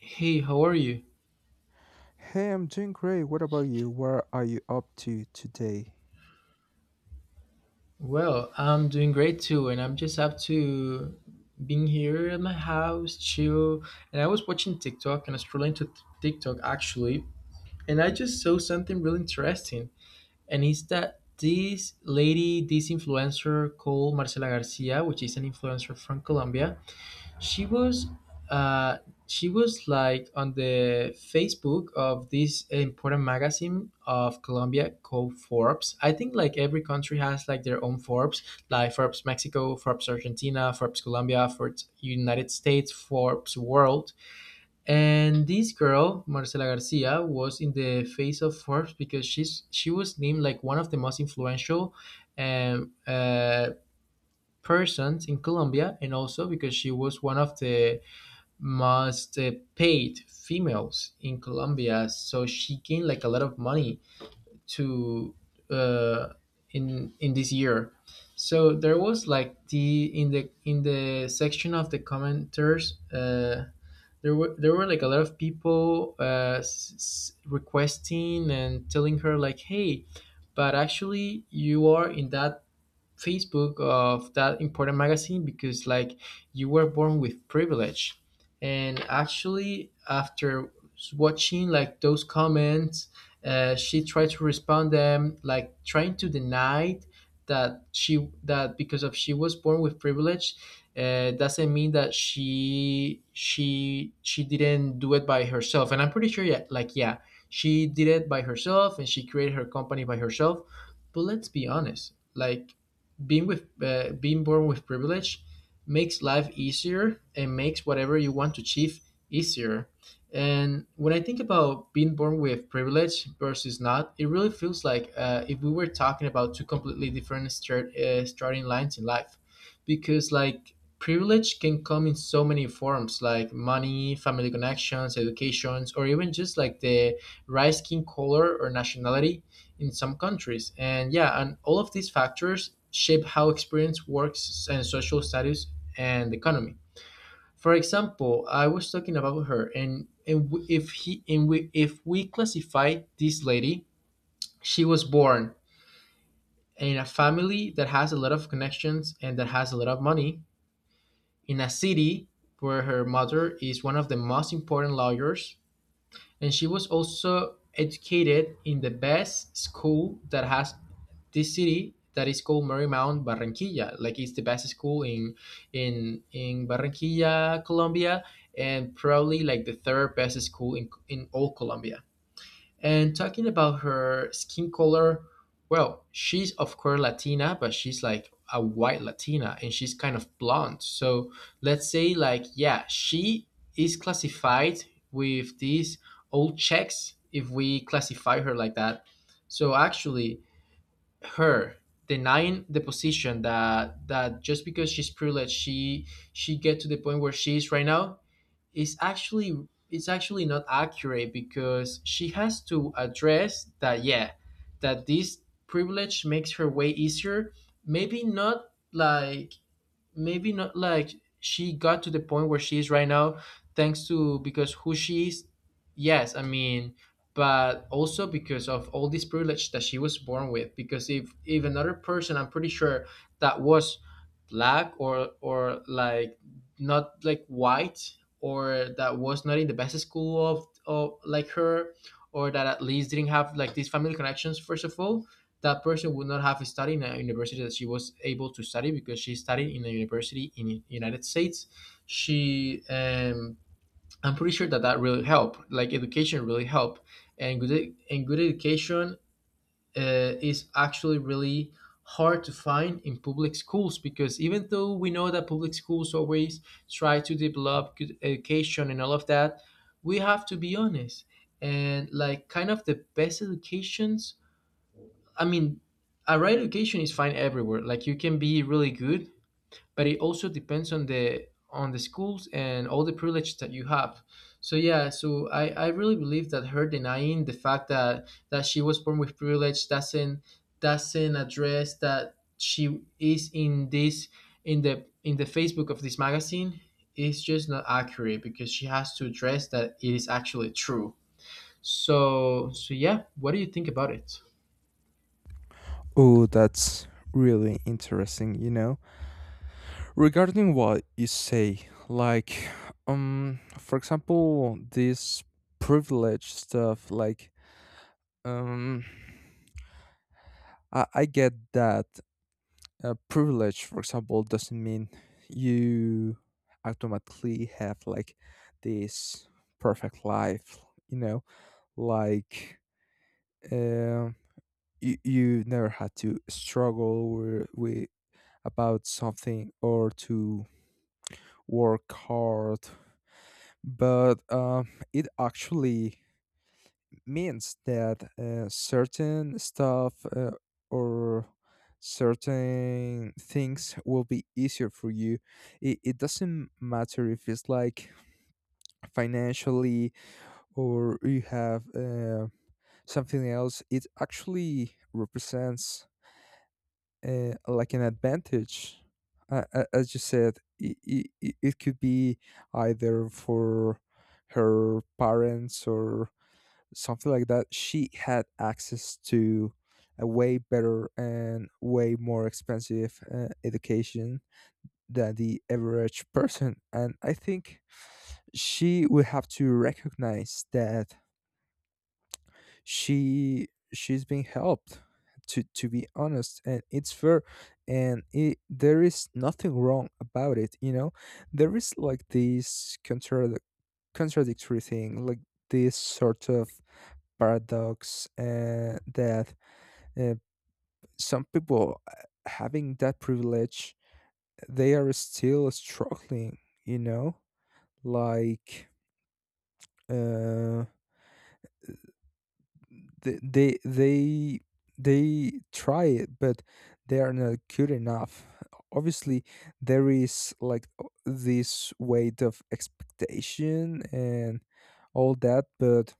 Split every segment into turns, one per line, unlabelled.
Hey, how are you?
Hey, I'm doing great. What about you? What are you up to today?
Well, I'm doing great too, and I'm just up to being here at my house, chill. And I was watching TikTok and I scrolling to TikTok actually, and I just saw something really interesting. And it's that this lady, this influencer called Marcela Garcia, which is an influencer from Colombia, she was uh, she was like on the Facebook of this important magazine of Colombia called Forbes. I think like every country has like their own Forbes, like Forbes Mexico, Forbes Argentina, Forbes Colombia, Forbes United States, Forbes World. And this girl, Marcela Garcia, was in the face of Forbes because she was named like one of the most influential um, uh, persons in Colombia, and also because she was one of the must paid females in Colombia, so she gained like a lot of money to uh, in this year. So there was like the in the in the section of the commenters, there were like a lot of people requesting and telling her like, hey, but actually you are in that Facebook of that important magazine because like you were born with privilege. And actually, after watching like those comments, she tried to respond them like trying to deny that because of she was born with privilege doesn't mean that she didn't do it by herself, and I'm pretty sure, yeah, like, yeah, she did it by herself and she created her company by herself. But let's be honest, like, being born with privilege makes life easier and makes whatever you want to achieve easier. And when I think about being born with privilege versus not, it really feels like if we were talking about two completely different starting lines in life, because like privilege can come in so many forms, like money, family connections, educations, or even just like the rice skin color or nationality in some countries. And yeah, and all of these factors shape how experience works and social status and economy. For example, I was talking about her, and, if we classify this lady, she was born in a family that has a lot of connections and that has a lot of money in a city where her mother is one of the most important lawyers, and she was also educated in the best school that has this city, that is called Marymount Barranquilla. Like it's the best school in in Barranquilla, Colombia, and probably like the third best school in all Colombia. And talking about her skin color, well, she's of course Latina, but she's like a white Latina and she's kind of blonde. So let's say, like, yeah, she is classified with these old checks if we classify her like that. So actually, her denying the position that just because she's privileged she get to the point where she is right now is actually not accurate, because she has to address that, yeah, that this privilege makes her way easier. Maybe not like maybe not like she got to the point where she is right now thanks to because who she is. Yes, I mean, but also because of all this privilege that she was born with, because if another person, I'm pretty sure, that was black or like not like white, or that was not in the best school of like her, or that at least didn't have like these family connections, first of all, that person would not have studied in a university that she was able to study, because she studied in a university in the United States. She, um, I'm pretty sure that that really helped. Like education really helped, and and good education is actually really hard to find in public schools, because even though we know that public schools always try to develop good education and all of that, we have to be honest, and like kind of the best educations, I mean, a right education is fine everywhere. Like you can be really good, but it also depends on the schools and all the privilege that you have. So yeah, so I really believe that her denying the fact that she was born with privilege doesn't address that she is in this, in the, in the Facebook of this magazine, is just not accurate, because she has to address that it is actually true. So so yeah, what do you think about it?
Oh, that's really interesting, you know. Regarding what you say, like for example, this privilege stuff, like um I get that privilege, for example, doesn't mean you automatically have like this perfect life, you know. Like um, you never had to struggle with, about something or to work hard. But it actually means that certain stuff or certain things will be easier for you. It doesn't matter if it's like financially or you have something else. It actually represents like an advantage, as you said. It could be either for her parents or something like that. She had access to a way better and way more expensive education than the average person, and I think she will have to recognize that she's being helped, to be honest, and it's fair. And there is nothing wrong about it, you know. There is like this contradictory thing, like this sort of paradox, that uh, some people, having that privilege, they are still struggling, you know, like um They they they they try it, but they are not good enough. Obviously there is like this weight of expectation and all that, but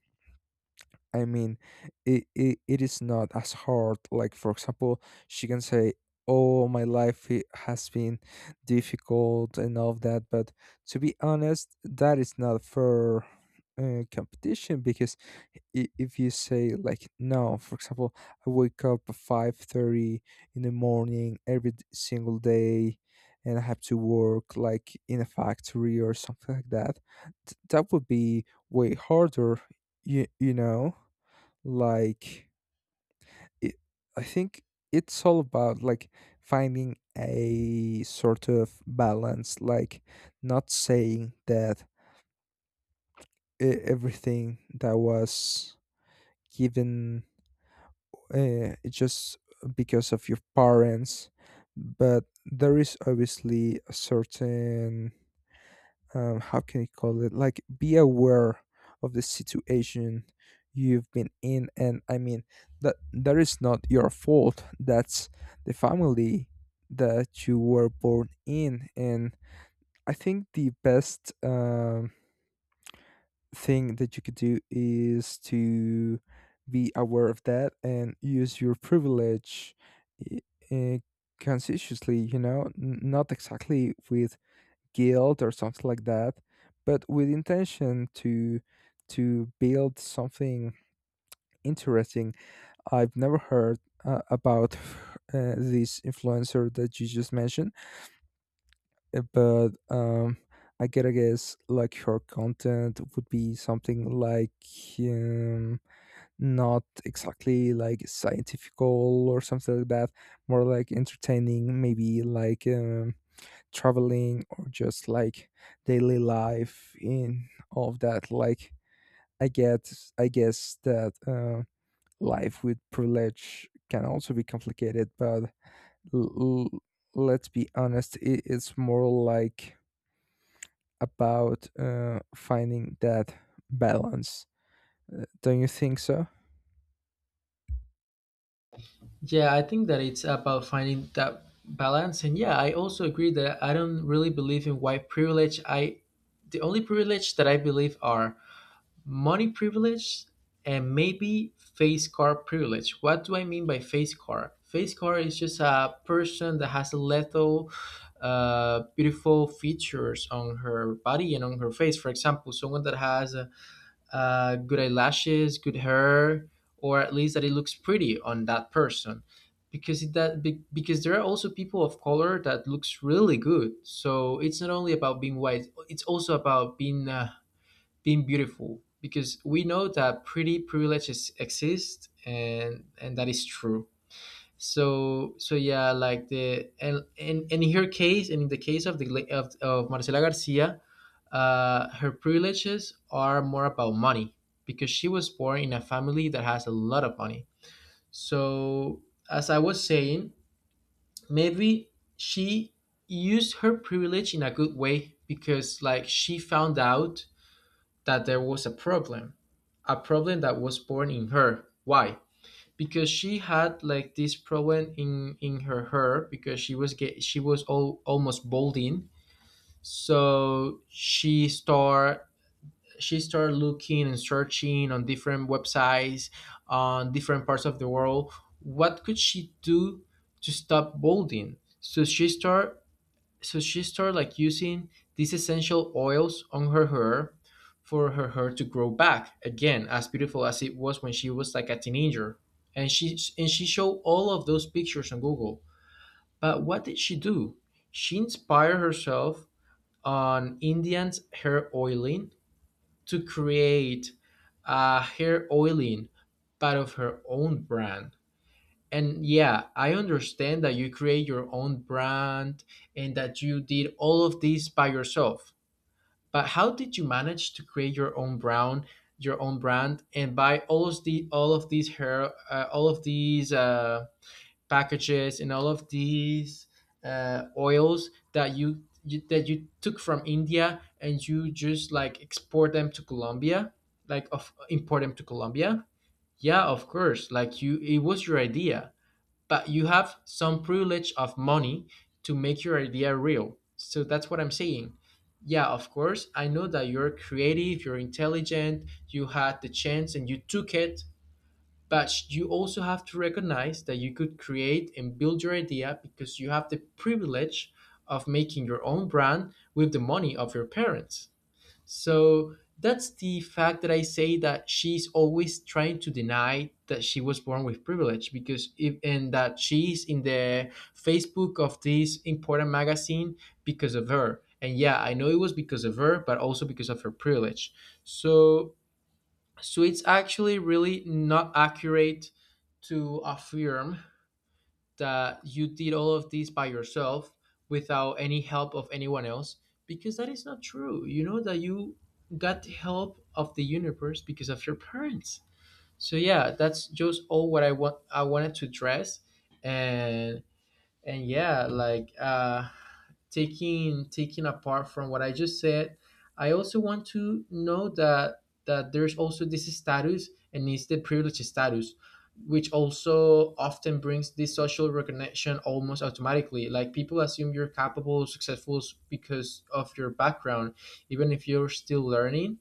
I mean, it is not as hard. Like, for example, she can say, "Oh, my life has been difficult and all of that." But to be honest, that is not fair competition. Because if you say like, no, for example, I wake up at 5:30 in the morning every single day and I have to work like in a factory or something like that, that would be way harder, you know. Like it, I think it's all about like finding a sort of balance, like not saying that everything that was given just because of your parents, but there is obviously a certain, how can you call it, like be aware of the situation you've been in. And I mean, that that is not your fault, that's the family that you were born in. And I think the best thing that you could do is to be aware of that and use your privilege uh, conscientiously, you know. Not exactly with guilt or something like that, but with intention to build something interesting. I've never heard about this influencer that you just mentioned, but I gotta guess like her content would be something like, um, not exactly like scientifical or something like that, more like entertaining, maybe like traveling or just like daily life in all of that. Like I get I guess that life with privilege can also be complicated, but l- l- let's be honest, it's more like about finding that balance. Don't you think so?
Yeah, I think that it's about finding that balance. And yeah, I also agree that I don't really believe in white privilege. I, the only privilege that I believe are money privilege and maybe face car privilege. What do I mean by face car? Face car is just a person that has a little, beautiful features on her body and on her face. For example, someone that has a good eyelashes, good hair, or at least that it looks pretty on that person. Because because there are also people of color that looks really good. So it's not only about being white; it's also about being being beautiful. Because we know that pretty privileges exist, and that is true. So so yeah, like and in her case, and in the case of of Marcela Garcia, her privileges are more about money, because she was born in a family that has a lot of money. So, as I was saying, maybe she used her privilege in a good way because, like, she found out that there was a problem that was born in her. Why? Because she had like this problem in her hair, because she was almost balding, so she start. she started looking and searching on different websites on different parts of the world what could she do to stop balding. So she started like using these essential oils on her hair, for her hair to grow back again as beautiful as it was when she was like a teenager. And she and she showed all of those pictures on Google. But what did she do? She inspired herself on Indians hair oiling to create a hair oiling part of her own brand. And yeah, I understand that you create your own brand and that you did all of this by yourself. But how did you manage to create your own brand, and buy all of the all of these hair, all of these packages and all of these oils that you that you took from India and you just like export them to Colombia, like of import them to Colombia. Yeah, of course. Like you, it was your idea, but you have some privilege of money to make your idea real. So that's what I'm saying. Yeah, of course. I know that you're creative, you're intelligent, you had the chance and you took it, but you also have to recognize that you could create and build your idea because you have the privilege of making your own brand with the money of your parents. So that's the fact that I say that she's always trying to deny that she was born with privilege, because if and that she's in the Facebook of this important magazine because of her. And yeah, I know it was because of her, but also because of her privilege. So so it's actually really not accurate to affirm that you did all of this by yourself without any help of anyone else, because that is not true. You know that you got the help of the universe because of your parents. So yeah, that's just all what I wanted to address. and and yeah, like taking apart from what I just said, I also want to know that there's also this status, and it's the privilege status, which also often brings this social recognition almost automatically. Like people assume you're capable, successful because of your background, even if you're still learning.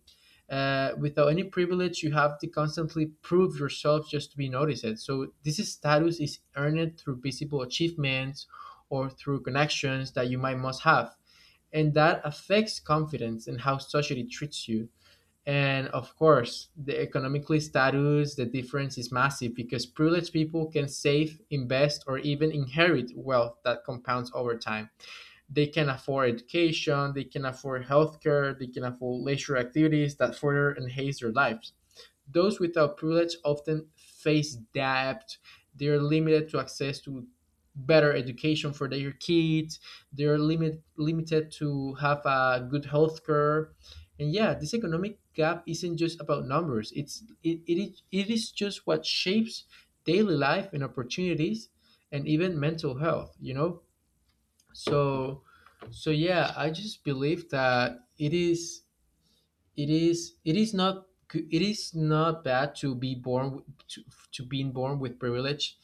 Without any privilege, you have to constantly prove yourself just to be noticed. So this status is earned through visible achievements, or through connections that you might must have. And that affects confidence and how society treats you. And of course, the economically status, the difference is massive, because privileged people can save, invest, or even inherit wealth that compounds over time. They can afford education, they can afford healthcare, they can afford leisure activities that further enhance their lives. Those without privilege often face debt. They're limited to access to better education for their kids. Limited to have a good health care. And yeah, this economic gap isn't just about numbers. It is just what shapes daily life and opportunities and even mental health. So so yeah, I just believe that it is it is it is not g- it is not bad to be born w- to being born with privilege.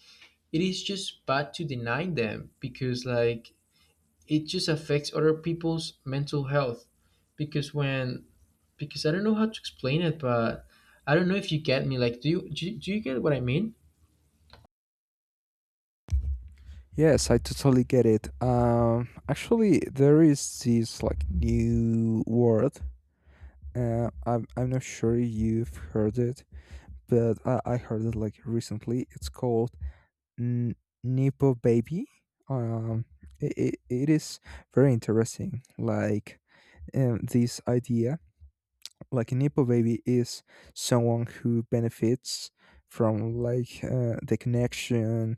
It is just bad to deny them, because like, it just affects other people's mental health. Because when because I don't know how to explain it, but I don't know if you get me. Like, do you get what I mean?
Yes, I totally get it. Actually, there is this like new word. I'm not sure if you've heard it, but I heard it like recently. It's called N- Nepo Baby. Um, it is very interesting. Like this idea, like a Nepo baby is someone who benefits from like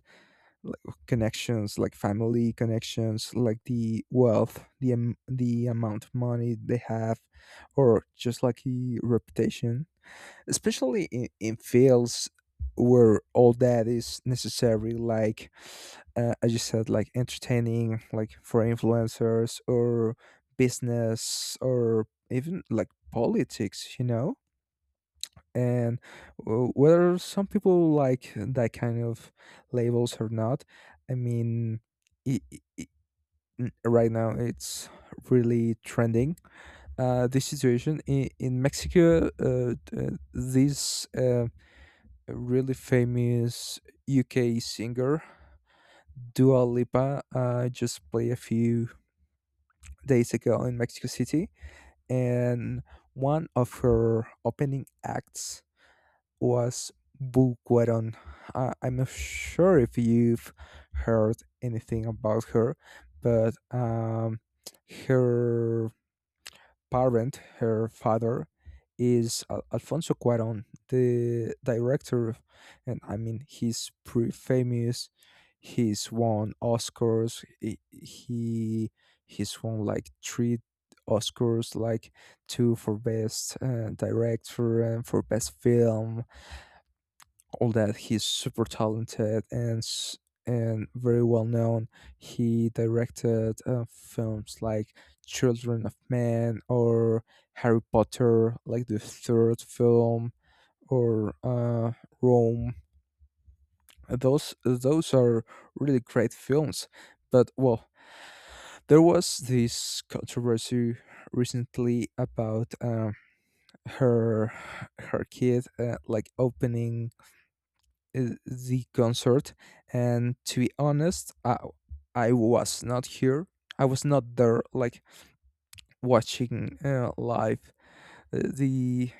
like connections, like family connections, like the wealth, the the amount of money they have, or just like the reputation, especially in fields where all that is necessary, like as you said, like entertaining, like for influencers or business or even like politics, you know. And whether some people like that kind of labels or not, I mean, i i i- right now it's really trending, this situation in Mexico. Th- these A really famous UK singer, Dua Lipa, just played a few days ago in Mexico City, and one of her opening acts was Buqueron. I'm not sure if you've heard anything about her, but her her father is Alfonso Cuaron, the director, and I mean he's pretty famous. He's won Oscars. He's won like three Oscars, like two for best director and for best film. All that, he's super talented and and very well known. He directed films like Children of Man or Harry Potter, like the third film, or Rome. Those are really great films. But well, there was this controversy recently about her her kid like opening uh, the concert. And to be honest, I was not here, I was not there like watching live uh, the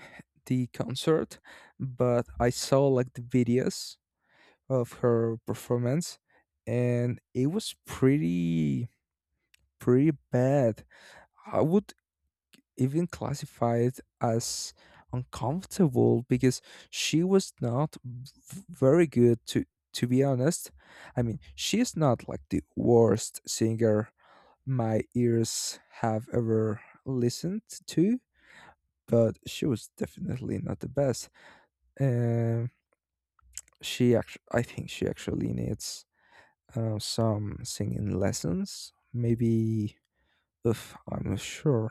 the concert, but I saw like the videos of her performance, and it was pretty bad. I would even classified as uncomfortable because she was not very good, to be honest. I mean, she's not like the worst singer my ears have ever listened to, but she was definitely not the best. Um, she actually needs some singing lessons, maybe. If I'm not sure,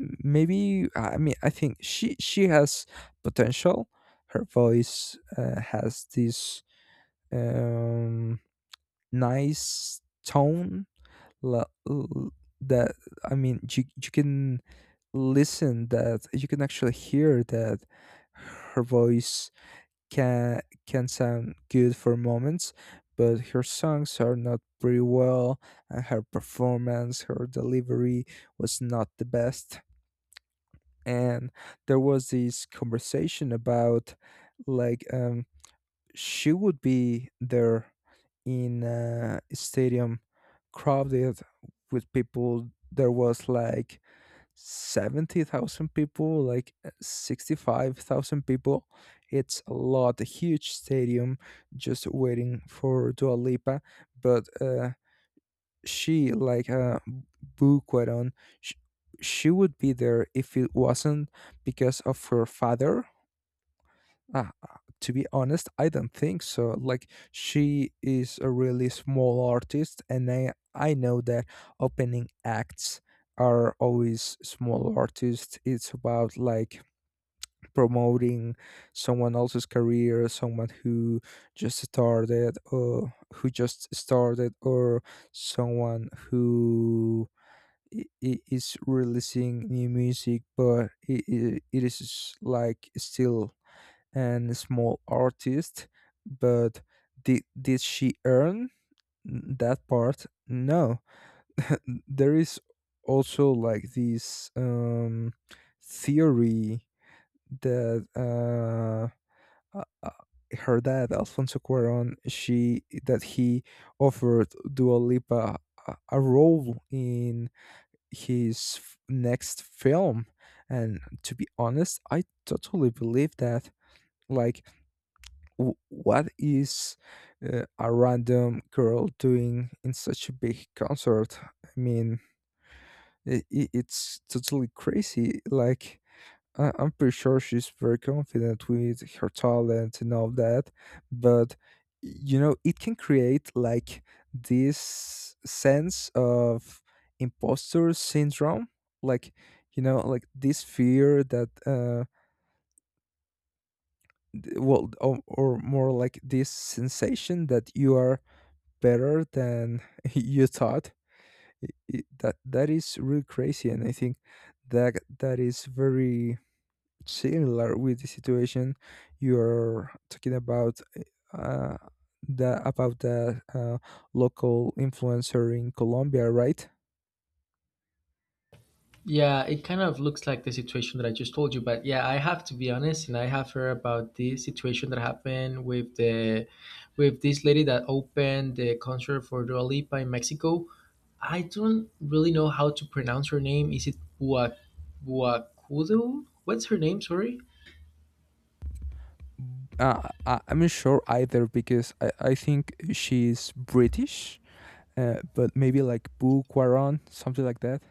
Maybe. I mean, I think she has potential. Her voice has this um nice tone, la- l- that, I mean, you can listen that you can actually hear that her voice can can sound good for moments, but her songs are not pretty well, and her performance, her delivery, was not the best. And there was this conversation about like she would be there in a stadium crowded with people. There was like 70,000 people, like 65,000 people. It's a lot, a huge stadium, just waiting for Dua Lipa. But she, like, Boo Kwadon, she, she would be there if it wasn't because of her father. Ah, uh, to be honest, I don't think so. Like, she is a really small artist, and I know that opening acts are always small artists. It's about like promoting someone else's career, someone who just started or someone who is releasing new music, but it is like still an small artist. But did she earn that part? No. There is also like this theory that uh, uh, her dad Alfonso Cuarón, she that he offered Dua Lipa a role in his next film. And to be honest, I totally believe that. Like, what is a random girl doing in such a big concert? I mean, it's totally crazy. Like, I'm pretty sure she's very confident with her talent and all that, but, you know, it can create like this sense of imposter syndrome, like, you know, like this fear that well, or more like this sensation that you are better than you thought. I- that that is really crazy, and I think that that is very similar with the situation you're talking about, uh, the about the local influencer in Colombia, right?
Yeah, it kind of looks like the situation that I just told you, but yeah, I have to be honest, and I have heard about this situation that happened with the with this lady that opened the concert for Dua Lipa in Mexico. I don't really know how to pronounce her name. Is it Bua Buacudo? What's her name? Sorry.
I'm not sure either, because I think she's British, but maybe like Boo Quaron, something like that.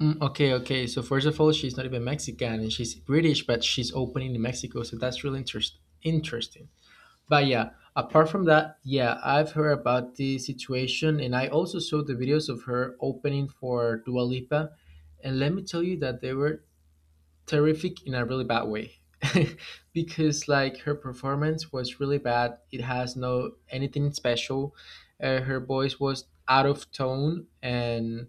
Mm, okay, okay. So first of all, she's not even Mexican, and she's British, but she's opening in Mexico, so that's really interesting. But yeah, apart from that, yeah, I've heard about the situation, and I also saw the videos of her opening for Dua Lipa. And let me tell you that they were terrific in a really bad way. Because like, her performance was really bad. It has no anything special. Her voice was out of tone, and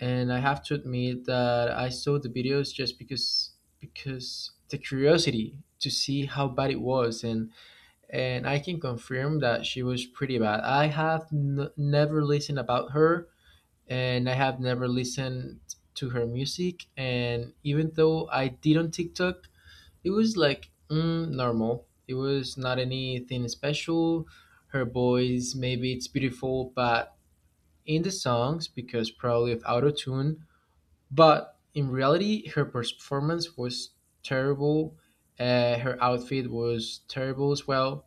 I have to admit that I saw the videos just because the curiosity to see how bad it was, and I can confirm that she was pretty bad. I have never listened about her, and I have never listened to her music. And even though I did on TikTok, it was like, mm, normal. It was not anything special. Her voice, maybe it's beautiful, but in the songs, because probably of auto tune. But in reality, her performance was terrible. Her outfit was terrible as well.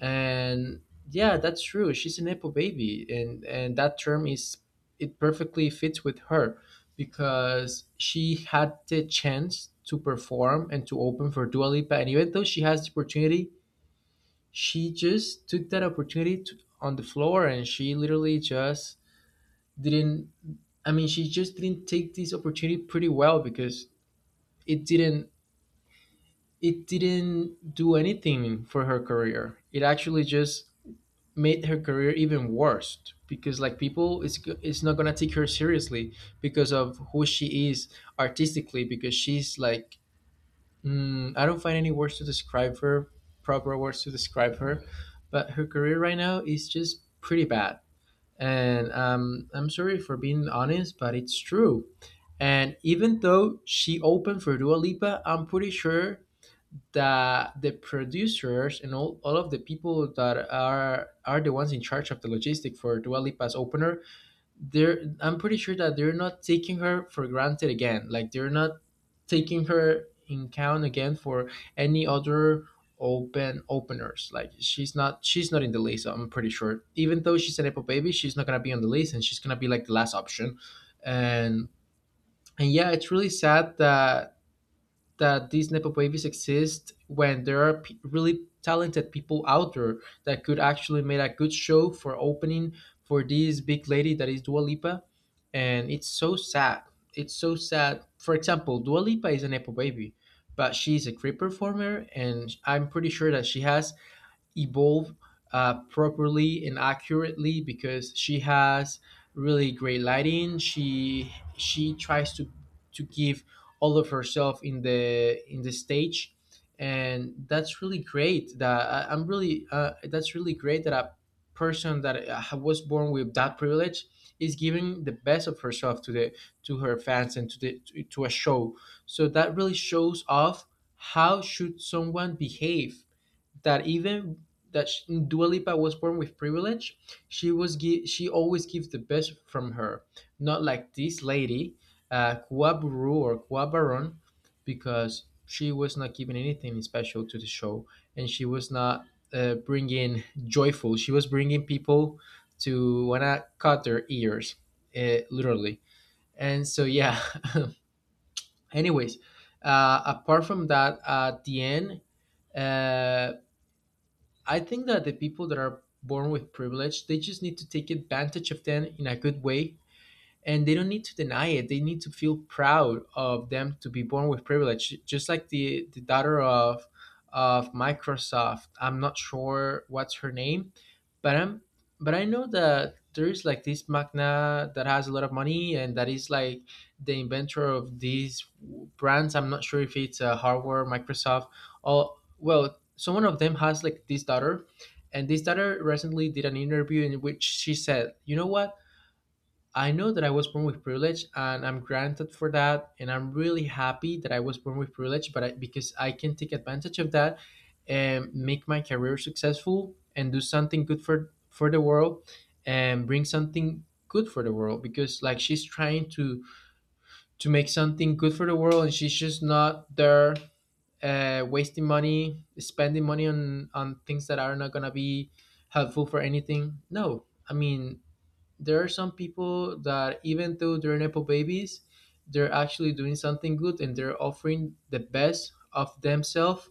And yeah, that's true, she's an apple baby, and that term, is it perfectly fits with her, because she had the chance to perform and to open for Dua Lipa. And even though she has the opportunity, she just took that opportunity to, on the floor, and she literally just didn't. I mean, she just didn't take this opportunity pretty well, because it didn't, it didn't do anything for her career. It actually just made her career even worse, because like, people, it's not gonna take her seriously because of who she is artistically, because she's like, mm, I don't find any words to describe her, proper words to describe her. But her career right now is just pretty bad. And I'm sorry for being honest, but it's true. And even though she opened for Dua Lipa, I'm pretty sure that the producers and all of the people that are the ones in charge of the logistic for Dua Lipa's opener, they're, I'm pretty sure that they're not taking her for granted again. Like, they're not taking her in count again for any other openers. Like, she's not in the list, I'm pretty sure. Even though she's an Apple baby, she's not gonna be on the list, and she's gonna be like the last option. And and yeah, it's really sad that these nepo babies exist when there are really talented people out there that could actually make a good show for opening for this big lady that is Dua Lipa, and it's so sad. It's so sad. For example, Dua Lipa is a nepo baby, but she's a great performer, and I'm pretty sure that she has evolve properly and accurately, because she has really great lighting. She tries to give all of herself in the stage, and that's really great. That I, I'm really that's really great that a person that was born with that privilege is giving the best of herself to the to her fans, and to the to a show. So that really shows off how should someone behave, that even that she, Dua Lipa was born with privilege, she was she always gives the best from her. Not like this lady, Kuaburu or Kuabaron, because she was not giving anything special to the show, and she was not bringing joyful. She was bringing people to wanna cut their ears, literally. And so yeah. Anyways, apart from that, at the end. Uh, I think that the people that are born with privilege, they just need to take advantage of them in a good way, and they don't need to deny it. They need to feel proud of them to be born with privilege, just like the daughter of Microsoft. I'm not sure what's her name, but I'm, but I know that there is like this magna that has a lot of money, and that is like the inventor of these brands. I'm not sure if it's a hardware Microsoft, or well, someone of them has like this daughter. And this daughter recently did an interview in which she said, you know what, I know that I was born with privilege, and I'm granted for that. And I'm really happy that I was born with privilege, but I, because I can take advantage of that and make my career successful and do something good for the world, and bring something good for the world, because like, she's trying to make something good for the world, and she's just not there wasting money, spending money on things that are not gonna be helpful for anything. No, I mean, there are some people that, even though they're nepo babies, they're actually doing something good, and they're offering the best of themselves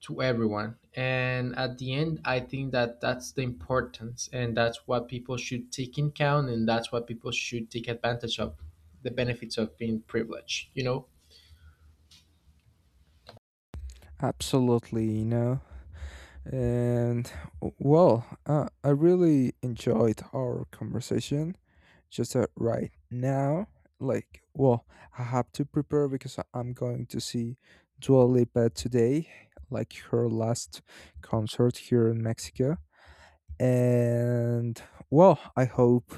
to everyone. And at the end, I think that that's the importance, and that's what people should take in count, and that's what people should take advantage of, the benefits of being privileged, you know?
Absolutely, you know. And well, I really enjoyed our conversation. Just that right now, like, well, I have to prepare because I'm going to see Dua Lipa today, like her last concert here in Mexico. And well, I hope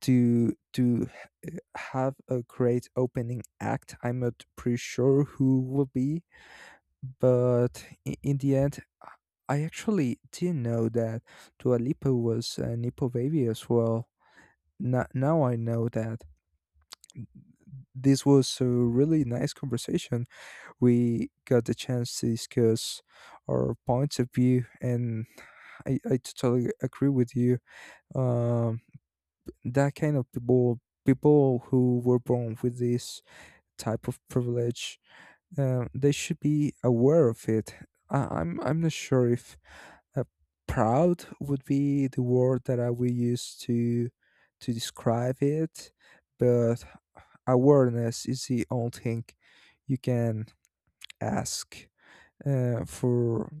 to have a great opening act. I'm not pretty sure who will be, but in the end, I actually didn't know that Dua Lipa was a Nepo baby as well. Now, now I know that. This was a really nice conversation. We got the chance to discuss our points of view, and I totally agree with you. Um, that kind of people, people who were born with this type of privilege, they should be aware of it. I'm not sure if, Uh, proud would be the word that I will use to describe it, but awareness is the only thing you can ask uh, for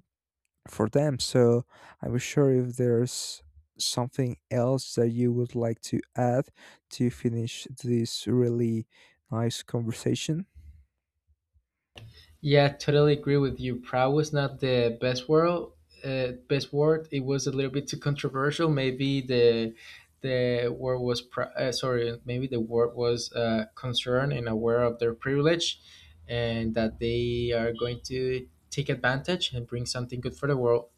for them. So I'm sure if there's something else that you would like to add to finish this really nice conversation.
Yeah, totally agree with you. Proud was not the best word. Best word. It was a little bit too controversial. Maybe the sorry. Maybe the word was concerned and aware of their privilege, and that they are going to take advantage and bring something good for the world.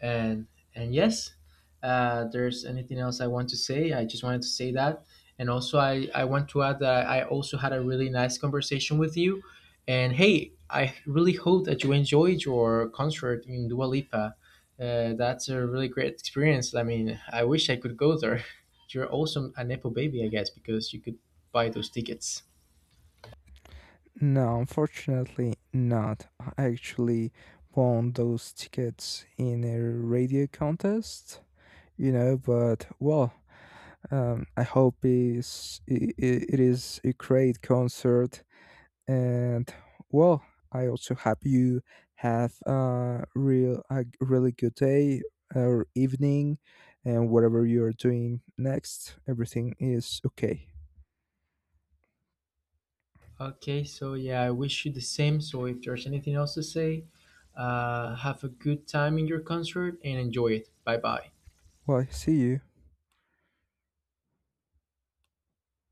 And and yes, there's anything else I want to say. I just wanted to say that. And also, I want to add that I also had a really nice conversation with you. And hey, I really hope that you enjoyed your concert in Dua Lipa. That's a really great experience. I mean, I wish I could go there. You're also a nepo baby, I guess, because you could buy those tickets.
No, unfortunately not. I actually won those tickets in a radio contest, you know. But well, I hope is it it is a great concert. And well, I also hope you have a really good day or evening, and whatever you're doing next, everything is okay.
Okay, so yeah, I wish you the same. So if there's anything else to say, have a good time in your concert and enjoy it. Bye bye.
Well, see you.